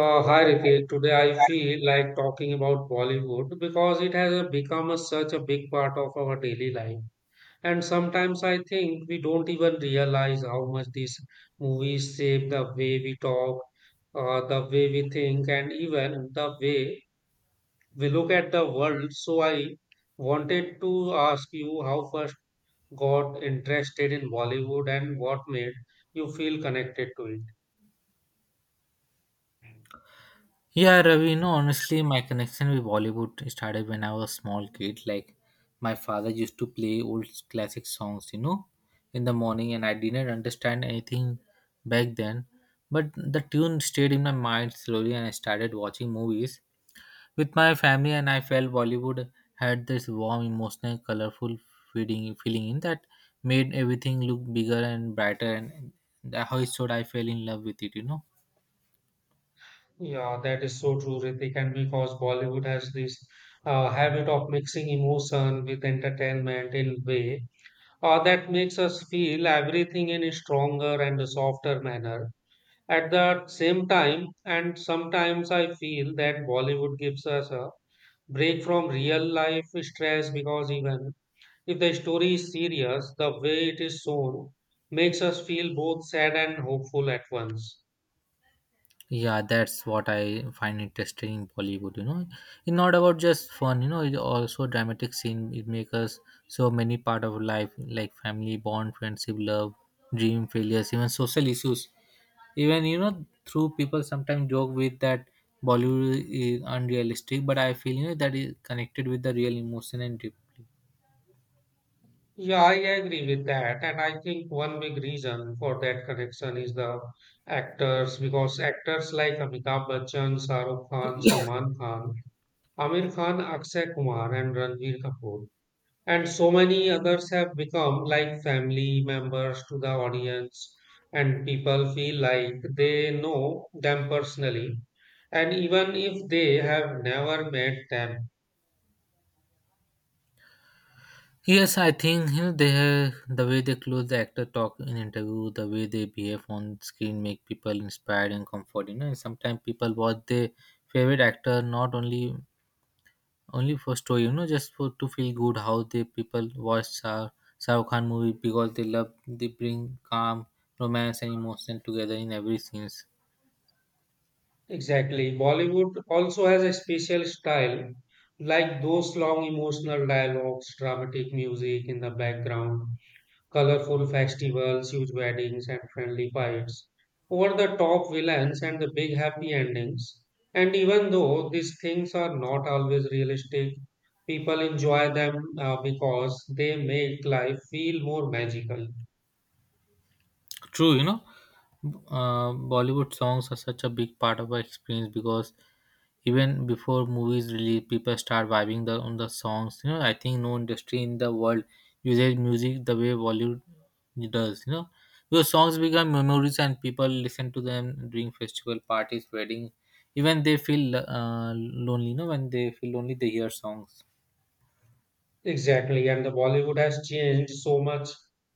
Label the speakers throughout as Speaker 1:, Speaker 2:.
Speaker 1: Hi Ritik. Today I feel like talking about Bollywood because it has such a big part of our daily life. And sometimes I think we don't even realize how much these movies shape the way we talk, the way we think, and even the way we look at the world. So I wanted to ask you how first got interested in Bollywood and what made you feel connected to it.
Speaker 2: Yeah, Ravi, no, honestly, my connection with Bollywood started when I was a small kid. Like, my father used to play old classic songs, in the morning, and I didn't understand anything back then. But the tune stayed in my mind slowly, and I started watching movies with my family, and I felt Bollywood had this warm, emotional, colorful feeling in that made everything look bigger and brighter, and that's how it showed I fell in love with it.
Speaker 1: Yeah, that is so true, Ritik, and because Bollywood has this habit of mixing emotion with entertainment in way that makes us feel everything in a stronger and a softer manner. At the same time, and sometimes I feel that Bollywood gives us a break from real life stress because even if the story is serious, the way it is shown makes us feel both sad and hopeful at once.
Speaker 2: Yeah, that's what I find interesting in Bollywood. It's not about just fun. It's also dramatic scene. It makes us so many part of life, like family bond, friendship, love, dream, failures, even social issues. Even through people sometimes joke with that Bollywood is unrealistic, but I feel that is connected with the real emotion and deeply.
Speaker 1: Yeah, I agree with that. And I think one big reason for that connection is the actors, because actors like Amitabh Bachchan, Shah Rukh Khan, Salman Khan, Amir Khan, Akshay Kumar, and Ranbir Kapoor, and so many others have become like family members to the audience, and people feel like they know them personally. And even if they have never met them.
Speaker 2: Yes, I think they have, the way they close the actor talk in interview, the way they behave on screen make people inspired and comfort. You know, sometimes people watch their favorite actor not only for story, just for to feel good. How they people watch Shah Rukh Khan movie because they love they bring calm, romance, and emotion together in every scenes.
Speaker 1: Exactly. Bollywood also has a special style, like those long emotional dialogues, dramatic music in the background, colorful festivals, huge weddings, and friendly fights, over the top villains, and the big happy endings. And even though these things are not always realistic, people enjoy them because they make life feel more magical.
Speaker 2: True, Bollywood songs are such a big part of our experience because even before movies release, people start vibing the on the songs. You know, I think no industry in the world uses music the way Bollywood does. You know, because songs become memories and people listen to them during festival parties, weddings. Even they feel lonely. You know, when they feel lonely, they hear songs.
Speaker 1: Exactly, and the Bollywood has changed so much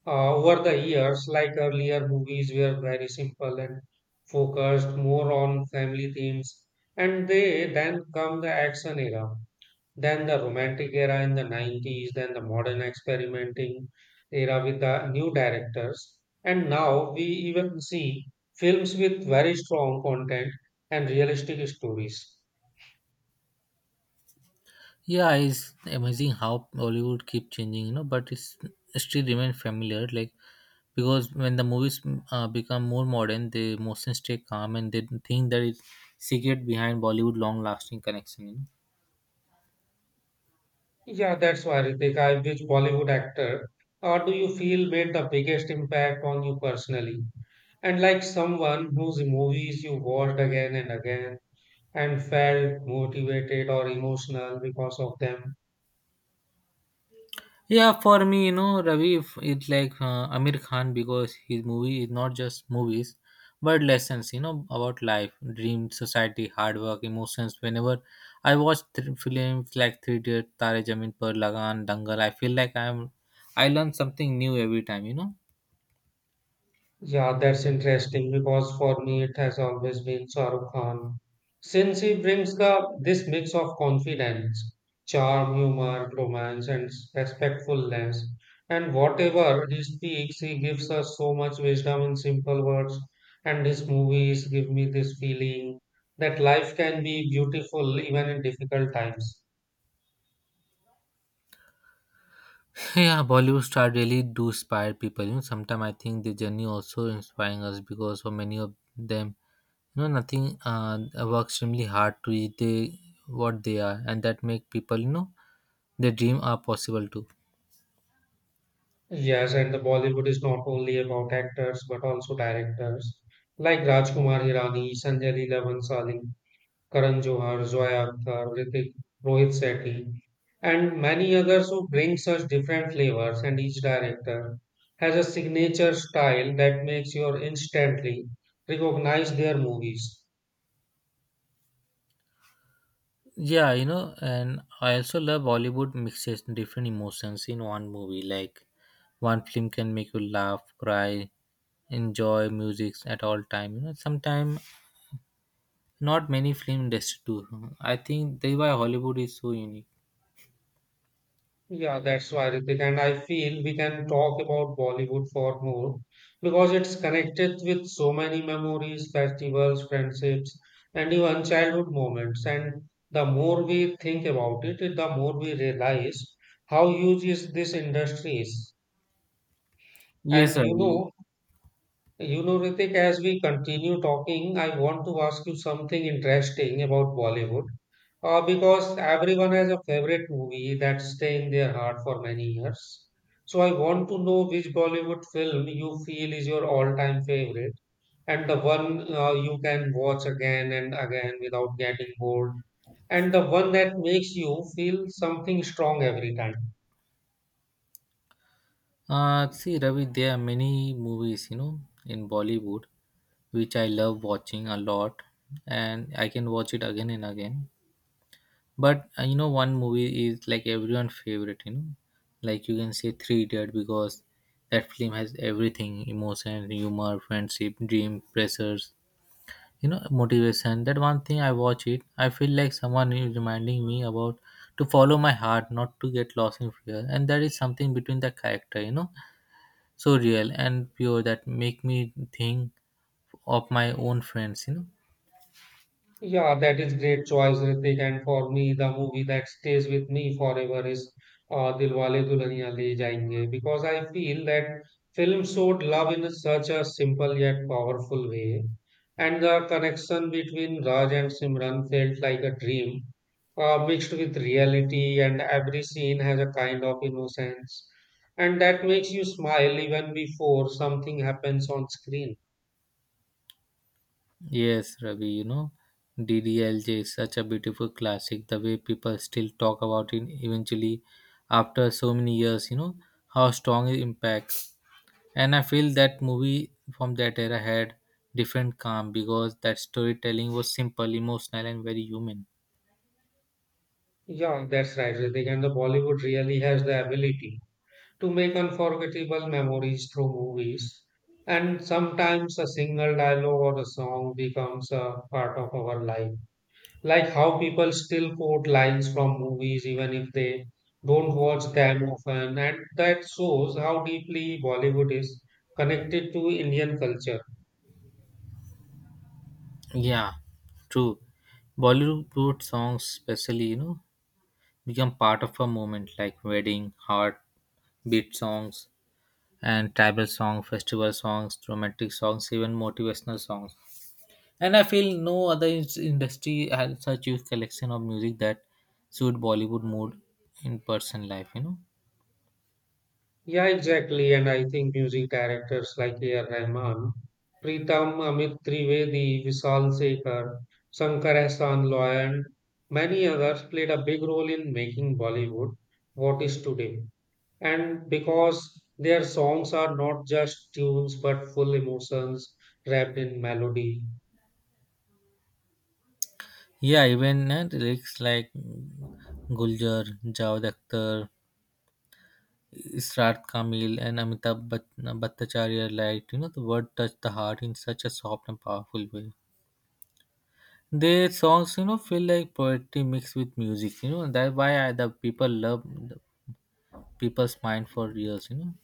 Speaker 1: over the years. Like earlier, movies were very simple and focused more on family themes, and they then come the action era, then the romantic era in the 90s, then the modern experimenting era with the new directors, and now we even see films with very strong content and realistic stories.
Speaker 2: Yeah, it's amazing how Hollywood keep changing, you know, but it's still remain familiar. Like because when the movies become more modern, the emotions stay calm, and they think that it's secret behind Bollywood long-lasting connection. You know.
Speaker 1: Yeah, that's why, Ritik. Which Bollywood actor or do you feel made the biggest impact on you personally? And like someone whose movies you watched again and again and felt motivated or emotional because of them?
Speaker 2: Yeah, for me, you know, Ravi, if it's like Amir Khan because his movie is not just movies, but lessons, you know, about life, dreams, society, hard work, emotions. Whenever I watch films like Three Idiots, Tare Zameen Par, Lagan, Dangal, I feel like I learn something new every time, you know.
Speaker 1: Yeah, that's interesting because for me it has always been Shah Rukh Khan. Since he brings the this mix of confidence, charm, humor, romance, and respectfulness, and whatever he speaks, he gives us so much wisdom in simple words. And his movies give me this feeling that life can be beautiful even in difficult times.
Speaker 2: Yeah, Bollywood star really do inspire people. You know, sometimes I think the journey also inspiring us because for many of them no, nothing. Work extremely hard to reach they what they are, and that make people, you know, their dream are possible too.
Speaker 1: Yes, and the Bollywood is not only about actors but also directors like Rajkumar Hirani, Sanjay Leela Bhansali. Karan Johar, Zoya Akhtar, Hrithik, Rohit Sethi, and many others who bring such different flavors, and each director has a signature style that makes you instantly recognize their movies.
Speaker 2: Yeah, you know, and I also love Bollywood mixes different emotions in one movie. Like one film can make you laugh, cry, enjoy music at all time. You know, sometimes not many film industry do. I think that's why Hollywood is so unique.
Speaker 1: Yeah, that's why, Ritik. And I feel we can talk about Bollywood for more because it's connected with so many memories, festivals, friendships, and even childhood moments. And the more we think about it, the more we realize how huge is this industry is.
Speaker 2: Yes,
Speaker 1: And
Speaker 2: sir.
Speaker 1: you know, Ritik, as we continue talking, I want to ask you something interesting about Bollywood. Because everyone has a favorite movie that stay in their heart for many years. So I want to know which Bollywood film you feel is your all-time favorite and the one you can watch again and again without getting bored and the one that makes you feel something strong every time.
Speaker 2: See, Ravi, there are many movies, you know, in Bollywood, which I love watching a lot, and I can watch it again and again. But you know, one movie is like everyone favorite, you know, like you can say Three Idiot because that film has everything: emotion, humor, friendship, dream, pressures, you know, motivation. That one thing I watch it, I feel like someone is reminding me about to follow my heart, not to get lost in fear, and that is something between the character, you know, so real and pure that make me think of my own friends.
Speaker 1: Yeah, that is great choice, Ritik. And for me, the movie that stays with me forever is Dilwale Dulhaniya Le Jayenge because I feel that film showed love in such a simple yet powerful way, and the connection between Raj and Simran felt like a dream, mixed with reality, and every scene has a kind of innocence, and that makes you smile even before something happens on screen.
Speaker 2: Yes, Ravi, DDLJ is such a beautiful classic, the way people still talk about it eventually after so many years, how strong it impacts. And I feel that movie from that era had different calm because that storytelling was simple, emotional, and very human.
Speaker 1: Yeah, that's right, Ritik. And the Bollywood really has the ability to make unforgettable memories through movies. And sometimes a single dialogue or a song becomes a part of our life. Like how people still quote lines from movies even if they don't watch them often. And that shows how deeply Bollywood is connected to Indian culture.
Speaker 2: Yeah, true. Bollywood songs especially, you know, become part of a moment like wedding heart beat songs and tribal songs, festival songs, romantic songs, even motivational songs. And I feel no other industry has such huge collection of music that suit Bollywood mood in person life. You know,
Speaker 1: Yeah, exactly. And I think using characters like A R. Rahman, Pritam Amit Trivedi, Vishal Shekhar, Shankar Ehsaan Loy, and many others played a big role in making Bollywood what is today. And because their songs are not just tunes but full emotions wrapped in melody.
Speaker 2: yeah, even the lyrics like Guljar, Javed Akhtar, Israt Kamil, and Bhattacharya, like you know, the word touched the heart in such a soft and powerful way. Their songs, you know, feel like poetry mixed with music, you know, and that's why I, the people love the people's mind for years, you know.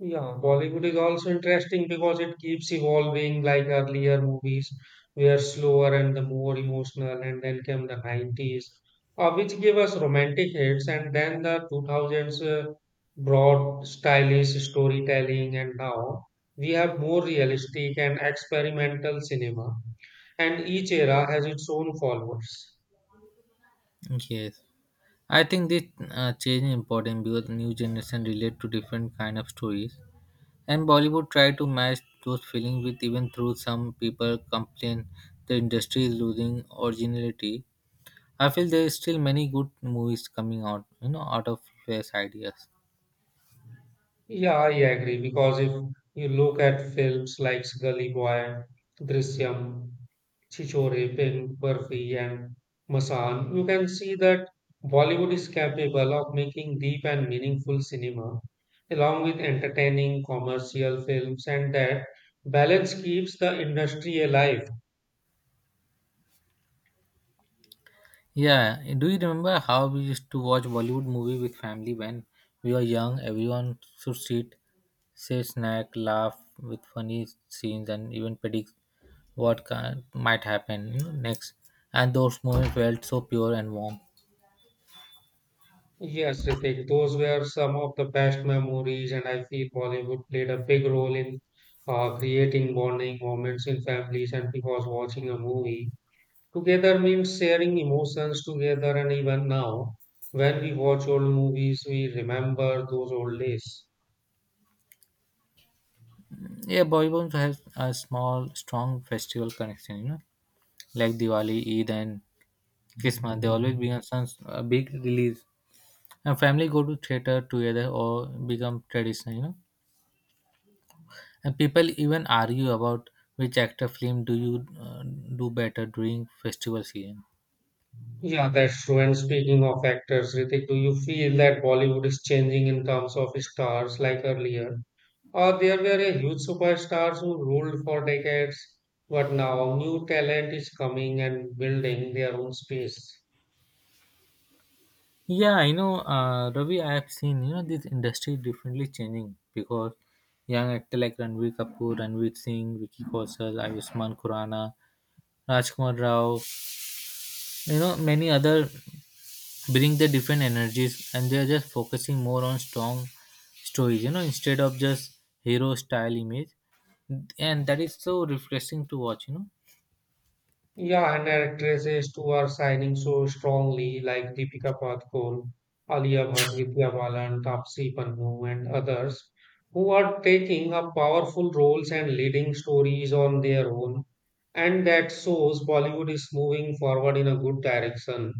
Speaker 1: Yeah, Bollywood is also interesting because it keeps evolving like earlier movies were slower and the more emotional, and then came the 90s, which gave us romantic hits, and then the 2000s brought stylish storytelling, and now we have more realistic and experimental cinema, and each era has its own followers.
Speaker 2: Yes, I think this change is important because new generation relate to different kind of stories, and Bollywood try to match those feelings with even through some people complain the industry is losing originality. I feel there is still many good movies coming out, you know, out of fresh ideas.
Speaker 1: Yeah, I agree because if you look at films like Gully Boy, Drishyam, Chichore, Pen, Barfi, and Masan, you can see that Bollywood is capable of making deep and meaningful cinema along with entertaining commercial films, and that balance keeps the industry alive.
Speaker 2: Yeah, do you remember how we used to watch Bollywood movie with family when we were young? Everyone should sit, say, snack, laugh with funny scenes, and even predict what kind, might happen you know, next. And those moments felt so pure and warm.
Speaker 1: Yes, Ritik, those were some of the best memories, and I feel Bollywood played a big role in creating bonding moments in families and because watching a movie together means sharing emotions together, and even now, when we watch old movies, we remember those old days.
Speaker 2: Yeah, Bollywood has a small, strong festival connection. You know, like Diwali, Eid, and Christmas. They always bring us a big release, and family go to theater together or become traditional. You know, and people even argue about which actor film do you do better during festival season.
Speaker 1: Yeah, that's true. And speaking of actors, Ritik, do you feel that Bollywood is changing in terms of stars like earlier? Or there were a huge superstars who ruled for decades, but now new talent is coming and building their own space.
Speaker 2: Yeah, you know, Ravi, I have seen you know this industry differently changing because young actor like Ranveer Kapoor, Ranveer Singh, Vicky Kaushal, Ayushmann Khurrana, Rajkumar Rao, you know, many other bring the different energies, and they are just focusing more on strong stories, you know, instead of just hero style image, and that is so refreshing to watch, you know.
Speaker 1: Yeah, and actresses too are signing so strongly, like Deepika Padukone, Alia Bhatt, Vidya Balan, Taapsee Pannu, and others, who are taking up powerful roles and leading stories on their own. And that shows Bollywood is moving forward in a good direction.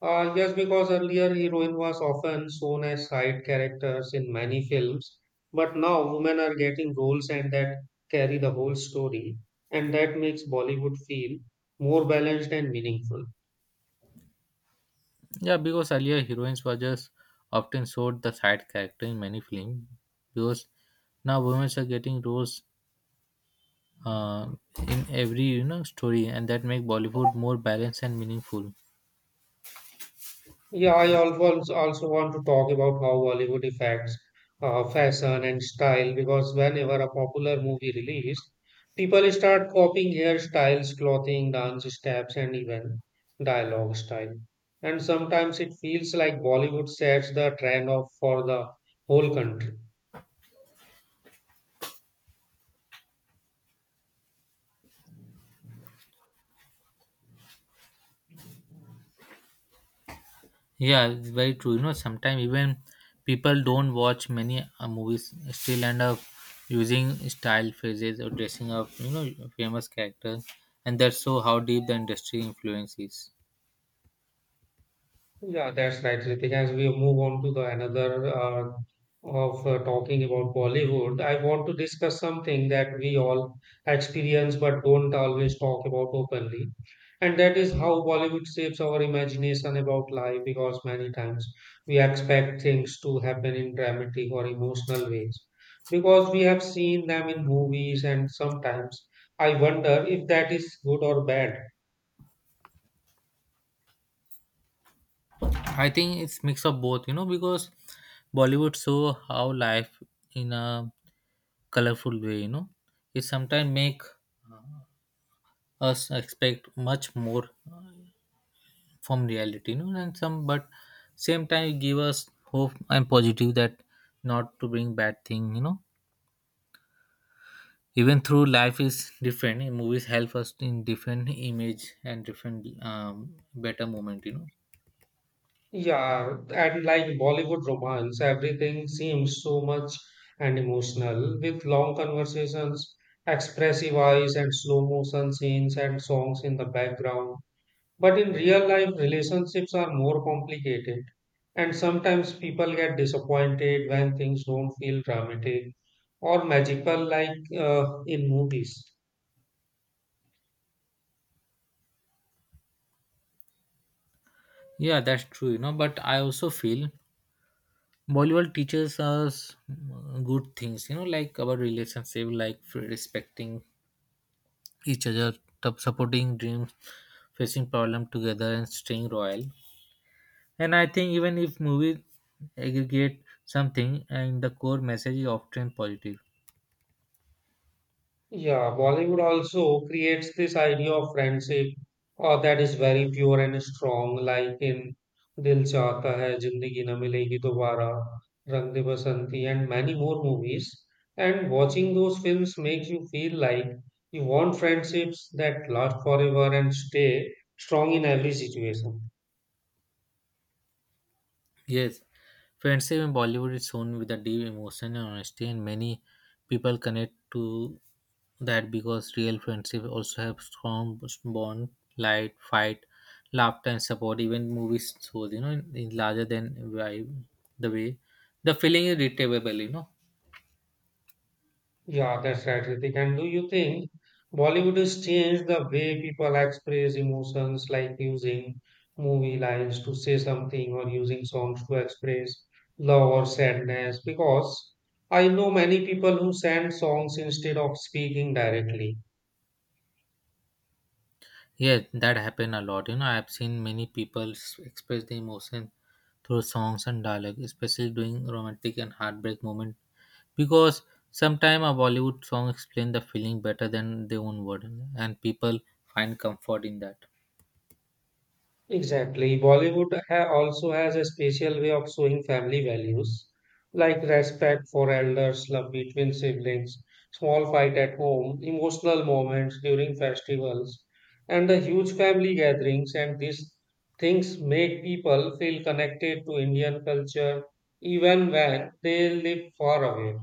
Speaker 1: Yes, because earlier heroine was often shown as side characters in many films, but now women are getting roles and that carry the whole story, and that makes Bollywood feel more balanced and meaningful.
Speaker 2: Yeah, because earlier heroines were just often showed the side character in many films. Because now women are getting roles uh, in every you know story, and that make Bollywood more balanced and meaningful.
Speaker 1: Yeah, I always also want to talk about how Bollywood affects fashion and style because whenever a popular movie released, people start copying hairstyles, clothing, dance steps, and even dialogue style. And sometimes it feels like Bollywood sets the trend of for the whole country.
Speaker 2: Yeah, it's very true. You know, sometimes even people don't watch many movies still end up using style phrases or dressing up. You know, famous characters, and that's so how deep the industry influence is.
Speaker 1: Yeah, that's right, Ritik. As we move on to the another of talking about Bollywood, I want to discuss something that we all experience but don't always talk about openly. And that is how Bollywood shapes our imagination about life because many times we expect things to happen in dramatic or emotional ways because we have seen them in movies, and sometimes I wonder if that is good or bad.
Speaker 2: I think it's mix of both, you know, because Bollywood show how life in a colorful way, you know, it sometimes make us expect much more from reality, you know, and some but same time it give us hope and positive that not to bring bad thing, you know. Even through life is different, eh, movies help us in different image and different better moment, you know.
Speaker 1: Yeah, and like Bollywood romance, everything seems so much and emotional with long conversations, expressive eyes, and slow motion scenes and songs in the background. But in real life, relationships are more complicated, and sometimes people get disappointed when things don't feel dramatic or magical like in movies.
Speaker 2: Yeah, that's true, you know. But I also feel Bollywood teaches us good things, you know, like about relationship, like respecting each other, supporting dreams, facing problem together, and staying royal. And I think even if movies aggregate something, and the core message is often positive.
Speaker 1: Yeah, Bollywood also creates this idea of friendship that is very pure and strong, like in Dil Chahta Hai, Zindagi Na Milegi Dobara, Rang De Basanti, and many more movies. And watching those films makes you feel like you want friendships that last forever and stay strong in every situation.
Speaker 2: Yes, friendship in Bollywood is shown with a deep emotion and honesty, and many people connect to that because real friendship also have strong bond, light, fight, laughter, and support. Even movies shows, you know, in larger than vibe, the way the feeling is retrievable, you know.
Speaker 1: Yeah, that's right, Ritik. And do you think Bollywood has changed the way people express emotions, like using movie lines to say something or using songs to express love or sadness? Because I know many people who send songs instead of speaking directly.
Speaker 2: Yeah, that happened a lot. You know, I've seen many people express the emotion through songs and dialogue, especially during romantic and heartbreak moment. Because sometimes a Bollywood song explains the feeling better than their own word, and people find comfort in that.
Speaker 1: Exactly. Bollywood ha also has a special way of showing family values, like respect for elders, love between siblings, small fight at home, emotional moments during festivals, and the huge family gatherings. And these things make people feel connected to Indian culture even when they live far away.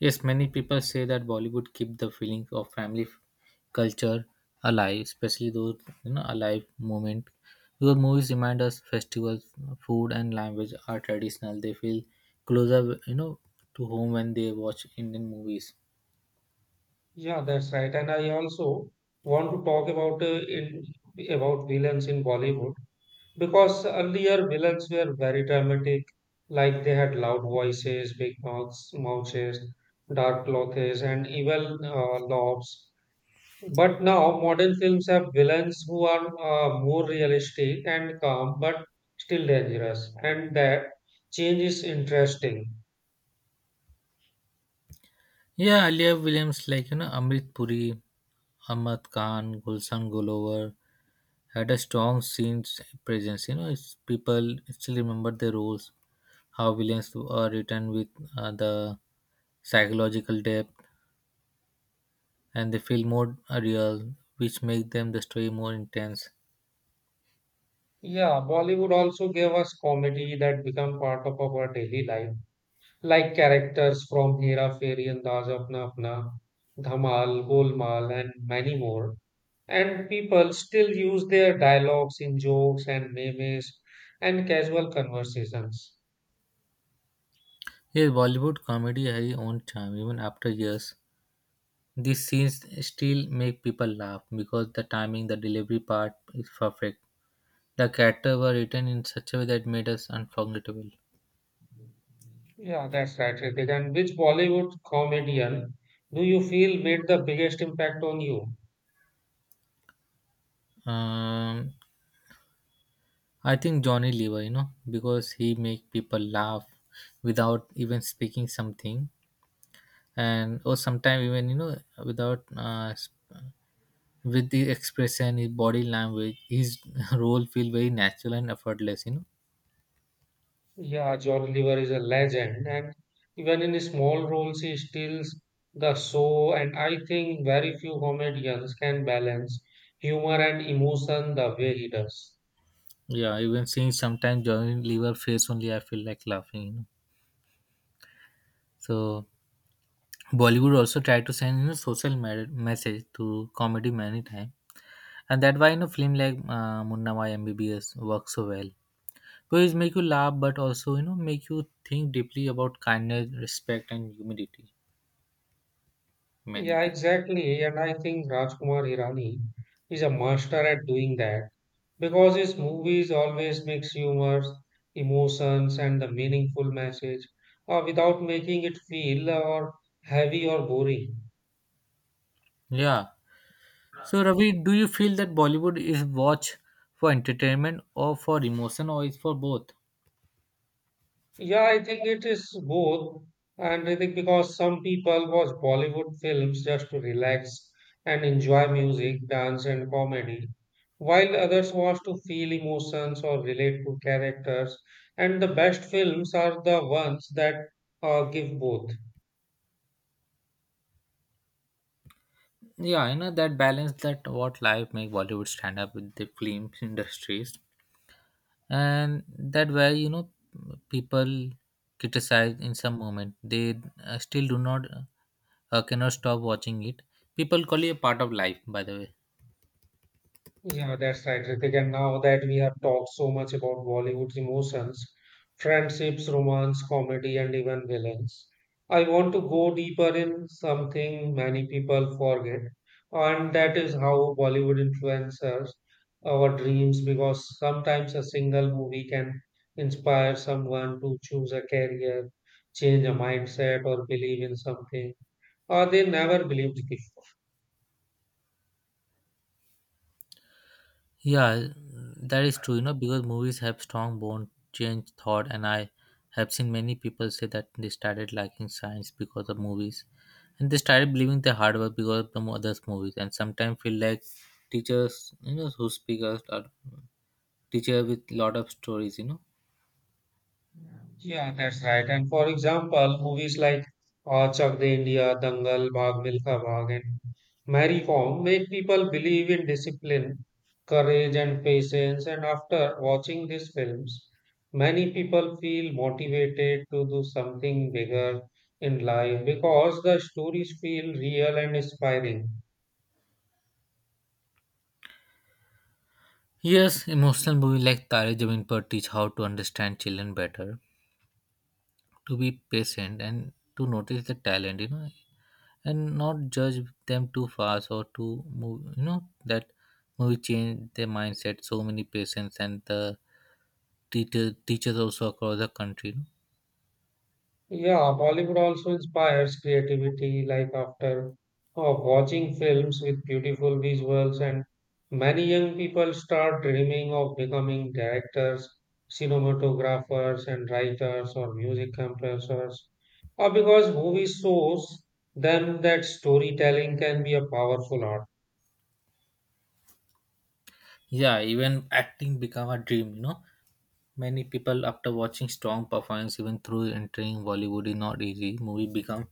Speaker 2: Yes, many people say that Bollywood keep the feeling of family culture alive, especially those you know alive moment. Because movies remind us festivals, food, and language are traditional. They feel closer, you know, to home when they watch Indian movies.
Speaker 1: Yeah, that's right. And I also want to talk about about villains in Bollywood. Because earlier villains were very dramatic, like they had loud voices, big mouths, dark clothes, and evil lobs. But now modern films have villains who are more realistic and calm, but still dangerous, and that change is interesting.
Speaker 2: Yeah, Alia Williams, like you know, Amrit Puri, Ahmad Khan, Gulshan Gullover had a strong scene presence. You know, it's people still remember the roles, how villains are written with the psychological depth, and they feel more real, which make them the story more intense.
Speaker 1: Yeah, Bollywood also gave us comedy that become part of our daily life like characters from Hera Fairy and Daaz Apna Apna, Dhamal, Golmaal, and many more. And people still use their dialogues in jokes and memes and casual conversations.
Speaker 2: Yes, Bollywood comedy has its own charm, even after years. These scenes still make people laugh because the timing, the delivery part is perfect. The character were written in such a way that made us unforgettable.
Speaker 1: Yeah, that's right, Ritik. And which Bollywood comedian do you feel made the biggest impact on you?
Speaker 2: Um, I think Johnny Lever, you know, because he make people laugh without even speaking something, and or sometimes even you know without with the expression, his body language, his role feel very natural and effortless. You know,
Speaker 1: Yeah, John Oliver is a legend, and even in small roles, he steals the show. And I think very few comedians can balance humor and emotion the way he does.
Speaker 2: yeah, even seeing sometimes Johnny Lever face only, I feel like laughing. So Bollywood also tried to send social message to comedy many times, and that why film like Munna Mai MBBS works so well because it make you laugh but also make you think deeply about kindness, respect, and humility,
Speaker 1: Yeah,
Speaker 2: humanity.
Speaker 1: exactly. And I think Rajkumar Hirani is a master at doing that because his movies always mix humor, emotions, and the meaningful message without making it feel or heavy or boring.
Speaker 2: Yeah, so Ravi, do you feel that Bollywood is watched for entertainment or for emotion, or is for both?
Speaker 1: Yeah, I think it is both. And I think because some people watch Bollywood films just to relax and enjoy music, dance, and comedy, while others watch to feel emotions or relate to characters. And the best films are the ones that give both.
Speaker 2: Yeah, you know, that balance that what life make Bollywood stand up with the film industries. And that where, you know, people criticize in some moment, they still do not, cannot stop watching it. People call it a part of life, by the way.
Speaker 1: Yeah, that's right, Ritik. And now that we have talked so much about Bollywood's emotions, friendships, romance, comedy, and even villains, I want to go deeper in something many people forget, and that is how Bollywood influences our dreams because sometimes a single movie can inspire someone to choose a career, change a mindset, or believe in something, or they never believed.
Speaker 2: Yeah, that is true, you know, because movies have strong bond, change thought, and I have seen many people say that they started liking science because of movies, and they started believing the hard work because of the others movies, and sometimes feel like teachers, you know, who speak us are teacher with lot of stories, you know.
Speaker 1: Yeah, that's right. And for example, movies like Chak De India, Dangal, Bhag Milkha Bhag, and Marry Form make people believe in discipline, courage, and patience. And after watching these films, many people feel motivated to do something bigger in life because the stories feel real and inspiring.
Speaker 2: Yes, emotional movies like Tare Zameen Par teach how to understand children better, to be patient, and to notice the talent, you know, and not judge them too fast or too move. You know that movie changed their mindset. So many patients and the teachers also across the country. You know?
Speaker 1: Yeah, Bollywood also inspires creativity. Like after watching films with beautiful visuals, and many young people start dreaming of becoming directors, cinematographers, and writers or music composers. Or because movie shows them that storytelling can be a powerful art.
Speaker 2: Yeah, even acting become a dream. You know, many people after watching strong performance, even through entering Bollywood is not easy. Movie become,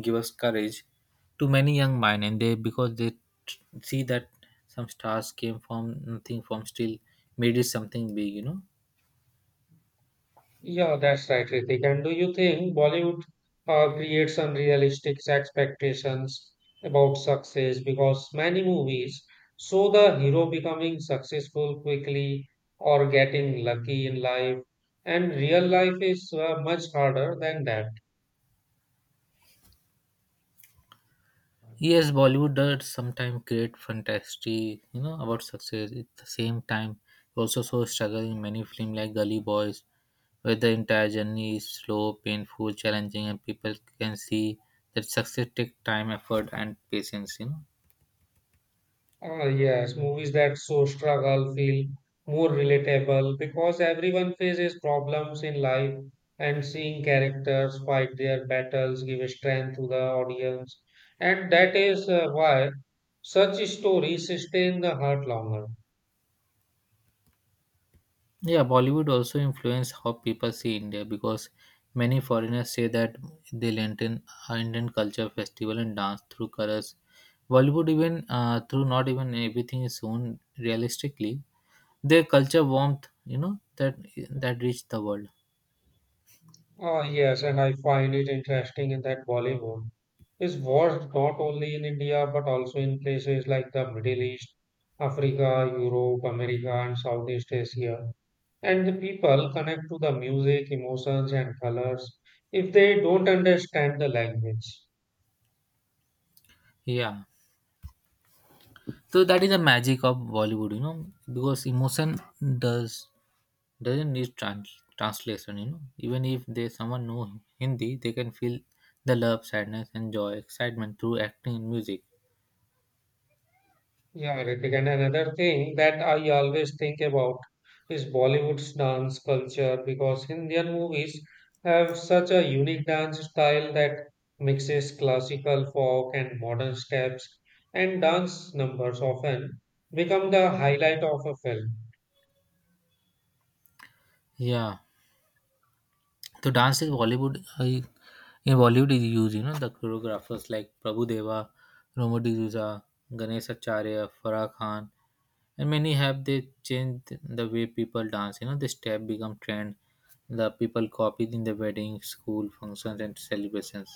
Speaker 2: give us courage to many young mind, and they, because they see that some stars came from nothing, from still made it something big, you know.
Speaker 1: Yeah, that's right, Ritik. And do you think Bollywood creates unrealistic expectations about success? Because many movies show the hero becoming successful quickly or getting lucky in life, and real life is much harder than that.
Speaker 2: Yes, Bollywood does sometimes create fantasy, you know, about success. At the same time, also so struggle in many film like Gully Boys, where the entire journey is slow, painful, challenging, and people can see that success takes time, effort, and patience. You know,
Speaker 1: Ah, yes, movies that show struggle feel more relatable because everyone faces problems in life, and seeing characters fight their battles give strength to the audience. And that is why such stories stay in the heart longer.
Speaker 2: yeah, Bollywood also influenced how people see India because many foreigners say that they learned in Indian culture, festival, and dance through colors. Bollywood even, through not even everything is shown realistically. Their culture warmth, you know, that that reached the world.
Speaker 1: Ah, yes, and I find it interesting in that Bollywood is watched not only in India but also in places like the Middle East, Africa, Europe, America, and Southeast Asia. And the people connect to the music, emotions, and colors if they don't understand the language.
Speaker 2: Yeah. So that is the magic of Bollywood, you know, because emotion does doesn't need translation. You know, even if they someone know Hindi, they can feel the love, sadness, and joy, excitement through acting and music.
Speaker 1: Yeah, Ritik. And another thing that I always think about is Bollywood's dance culture because Indian movies have such a unique dance style that mixes classical, folk, and modern steps, and dance numbers often become the highlight of a film.
Speaker 2: Yeah, so dance is Bollywood, in Bollywood is used. You know, the choreographers like Prabhu Deva, Romo D'Souza, Ganesh Acharya, Farah Khan, and many have, they changed the way people dance, you know. The step become trend, the people copied in the wedding, school functions, and celebrations.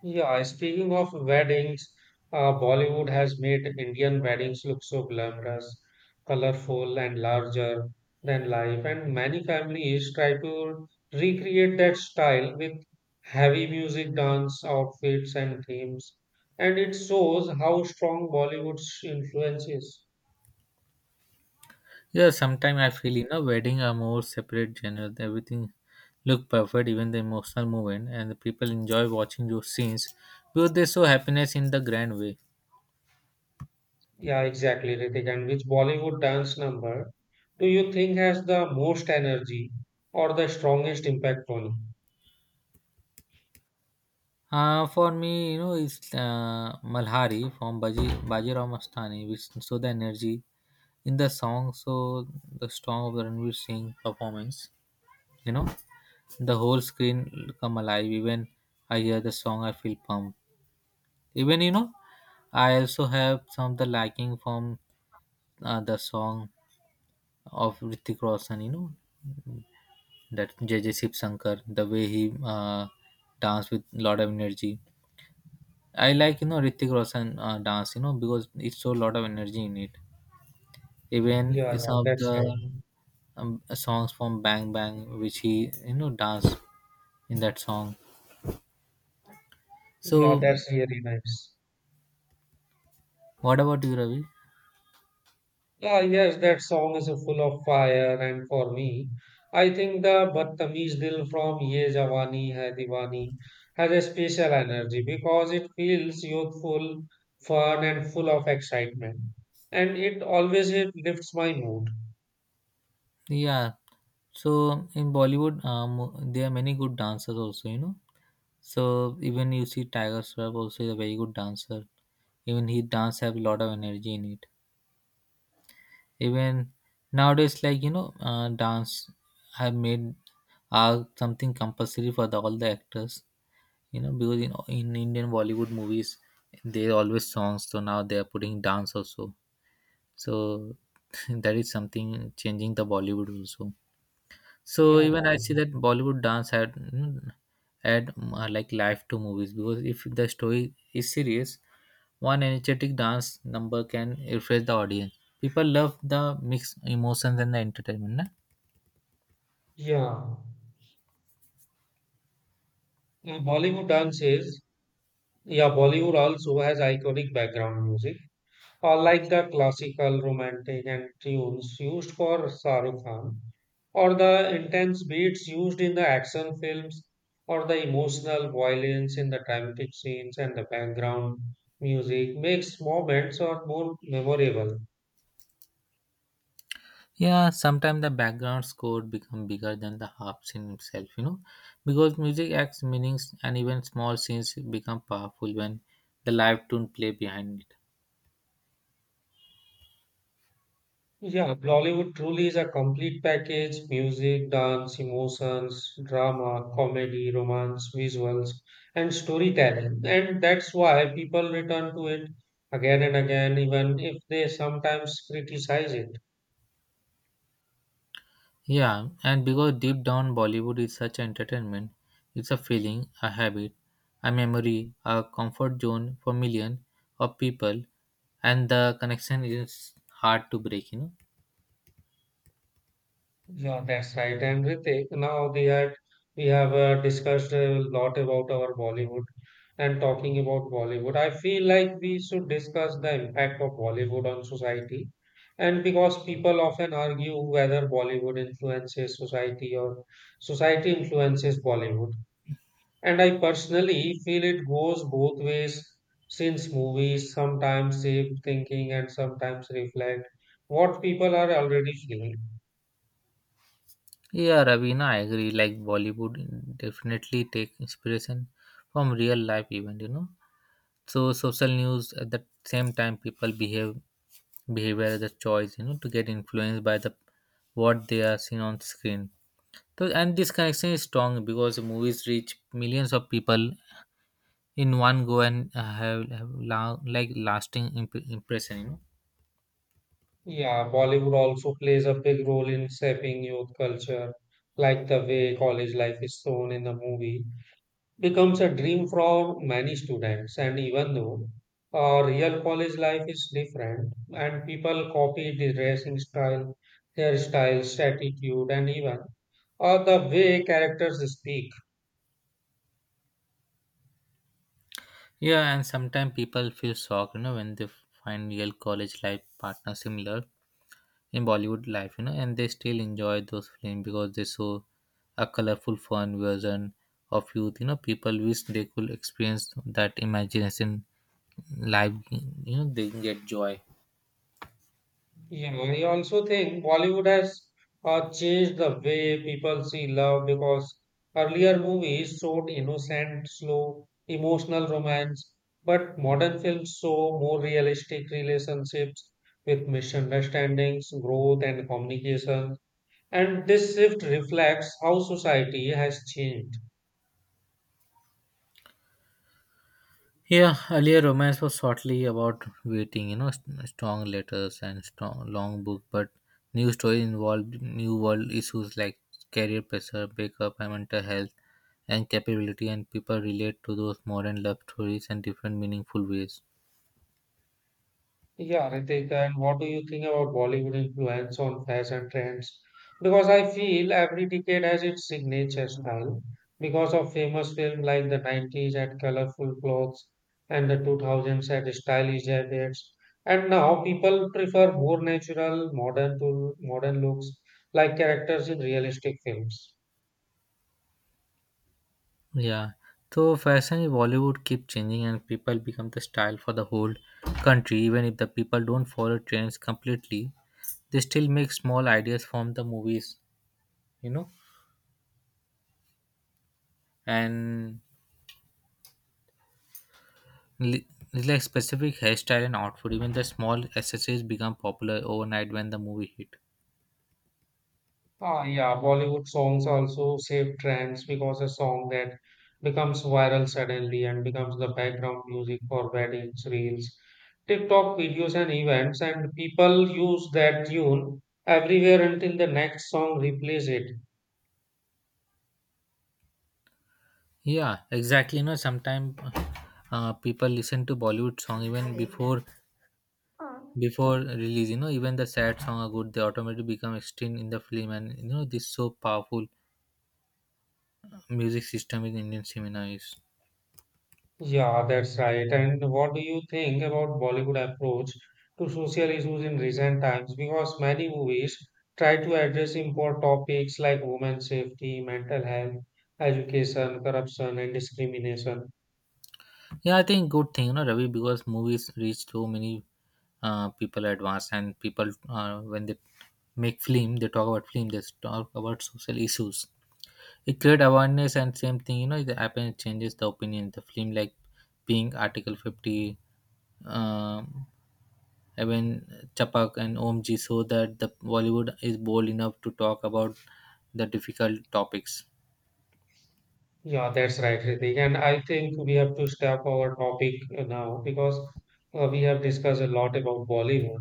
Speaker 1: Yeah, speaking of weddings, Bollywood has made Indian weddings look so glamorous, colorful, and larger than life. And many families try to recreate that style with heavy music, dance, outfits, and themes. And it shows how strong Bollywood's influence is.
Speaker 2: Yeah, sometimes I feel, you know, wedding are more separate genre. Everything look perfect, even the emotional moment, and the people enjoy watching those scenes because they show happiness in the grand way.
Speaker 1: Yeah, exactly, Ritik. And which Bollywood dance number do you think has the most energy or the strongest impact on you?
Speaker 2: For me, you know, it's Malhari from Baji Bajiram Mastani, which show the energy in the song, so the strong of the Ranveer Singh performance. You know, the whole screen come alive. Even I hear the song, I feel pumped. Even, you know, I also have some of the liking from the song of Ritik Roshan, you know, that J J Shiv Shankar, the way he danced with lot of energy. I like, you know, Ritik Roshan dance, you know, because it shows lot of energy in it. Even
Speaker 1: Yeah, yeah,
Speaker 2: some of
Speaker 1: that's
Speaker 2: the
Speaker 1: right.
Speaker 2: songs from Bang Bang, which he, you know, dance in that song.
Speaker 1: Yeah,
Speaker 2: So,
Speaker 1: that's really nice.
Speaker 2: what about you, Ravi?
Speaker 1: Ah, yes, that song is full of fire, and for me, I think the Badtameez Dil from Ye Jawani Hai Diwani has a special energy because it feels youthful, fun, and full of excitement, and it always it lifts my mood.
Speaker 2: Yeah. So in Bollywood, there are many good dancers also, you know. So even you see Tiger Shroff also is a very good dancer. Even he dance have a lot of energy in it. Even nowadays, like, you know, dance have made, are something compulsory for all the actors. You know, because in Indian Bollywood movies, there are always songs. So now they are putting dance also. So that is something changing the Bollywood also. So
Speaker 1: Yeah,
Speaker 2: even I see that Bollywood dance had add like life to movies, because if the story is serious, one energetic dance number can refresh the audience. People love the mixed emotions and the entertainment, na?
Speaker 1: yeah. Bollywood dances, yeah, Bollywood also has iconic background music, or like the classical romantic and tunes used for Shahrukh Khan, or the intense beats used in the action films, or the emotional violence in the dramatic scenes, and the background music makes moments or more memorable.
Speaker 2: Yeah, sometimes the background score become bigger than the harps scene itself, you know, because music acts meanings, and even small scenes become powerful when the live tune play behind it.
Speaker 1: Yeah, Bollywood truly is a complete package music, dance, emotions, drama, comedy, romance, visuals, and storytelling. And that's why people return to it again and again, even if they sometimes criticize it.
Speaker 2: Yeah, and because deep down Bollywood is such entertainment, it's a feeling, a habit, a memory, a comfort zone for million of people, and the connection is hard to break. You know.
Speaker 1: Yeah, that's right. And Ritik, now we have discussed a lot about our Bollywood and talking about Bollywood. I feel like we should discuss the impact of Bollywood on society. And because people often argue whether Bollywood influences society or society influences Bollywood. And I personally feel it goes both ways since movies sometimes shape thinking and sometimes reflect what people are already feeling.
Speaker 2: Yeah, Ravina, I agree. Like Bollywood definitely take inspiration from real life event. You know, so social news. At the same time, people behave, behavior as a choice. You know, to get influenced by the what they are seeing on screen. So, and this connection is strong because movies reach millions of people in one go, and have like lasting impression. You know?
Speaker 1: Yeah, Bollywood also plays a big role in shaping youth culture, like the way college life is shown in the movie becomes a dream for many students. And even though real college life is different, and people copy the dressing style, hairstyles, attitude, and even the way characters speak.
Speaker 2: Yeah, and sometimes people feel shocked, you know, when they find real college life partner similar in Bollywood life, you know, and they still enjoy those films because they show a colorful, fun version of youth. You know, people wish they could experience that imagination life. You know, they get joy.
Speaker 1: Yeah, I also think Bollywood has changed the way people see love because earlier movies showed innocent, slow, emotional romance, but modern films show more realistic relationships with misunderstandings, growth, and communication. And this shift reflects how society has changed.
Speaker 2: Yeah, earlier romance was shortly about waiting, you know, strong letters and strong long book, but new story involved new world issues like career pressure, breakup, and mental health, and capability, and people relate to those modern love stories in different meaningful ways.
Speaker 1: Yeah, Ritik, and what do you think about Bollywood influence on fashion trends? Because I feel every decade has its signature style. Because of famous films like the 90s had colorful clothes and the 2000s had stylish jackets. And now people prefer more natural, modern to modern looks like characters in realistic films.
Speaker 2: Yeah, so fashion in Bollywood keep changing, and people become the style for the whole country. Even if the people don't follow trends completely, they still make small ideas from the movies, you know, and Li- it's like specific hairstyle and outfit, even the small accessories become popular overnight when the movie hit.
Speaker 1: Ah, yeah, Bollywood songs also save trends because a song that becomes viral suddenly and becomes the background music for weddings, reels, TikTok videos, and events, and people use that tune everywhere until the next song replaces it.
Speaker 2: Yeah, exactly. You know, sometimes people listen to Bollywood song even before release. You know, even the sad song are good. They automatically become extreme in the film, and you know this so powerful music system in Indian cinema is.
Speaker 1: Yeah, that's right. And what do you think about Bollywood approach to social issues in recent times? Because many movies try to address important topics like women's safety, mental health, education, corruption, and discrimination.
Speaker 2: Yeah, I think good thing. You know, Ravi, because movies reach so many people at once, and people, when they make film, they talk about film. They talk about social issues. It create awareness, and same thing, you know, it happens, changes the opinion. The film like being Article 50, um, even Chapak and OMG, so that the Bollywood is bold enough to talk about the difficult topics.
Speaker 1: Yeah, that's right, Ritik. And I think we have to step our topic now because we have discussed a lot about Bollywood.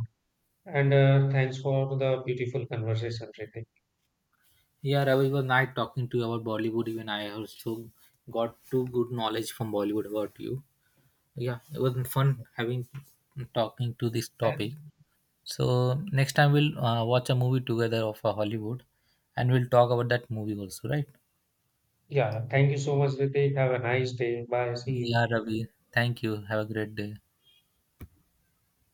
Speaker 1: And thanks for the beautiful conversation, Ritik.
Speaker 2: Yeah, Ravi, it was nice talking to you about Bollywood. Even I also got two good knowledge from Bollywood about you. Yeah, it was fun having talking to this topic.
Speaker 1: Thank-
Speaker 2: So next time we'll watch a movie together of a Hollywood, and we'll talk about that movie also, right?
Speaker 1: Yeah, thank you so much, Ritik. Have a nice day. Bye. See you.
Speaker 2: Yeah, Ravi. Thank you. Have a great day.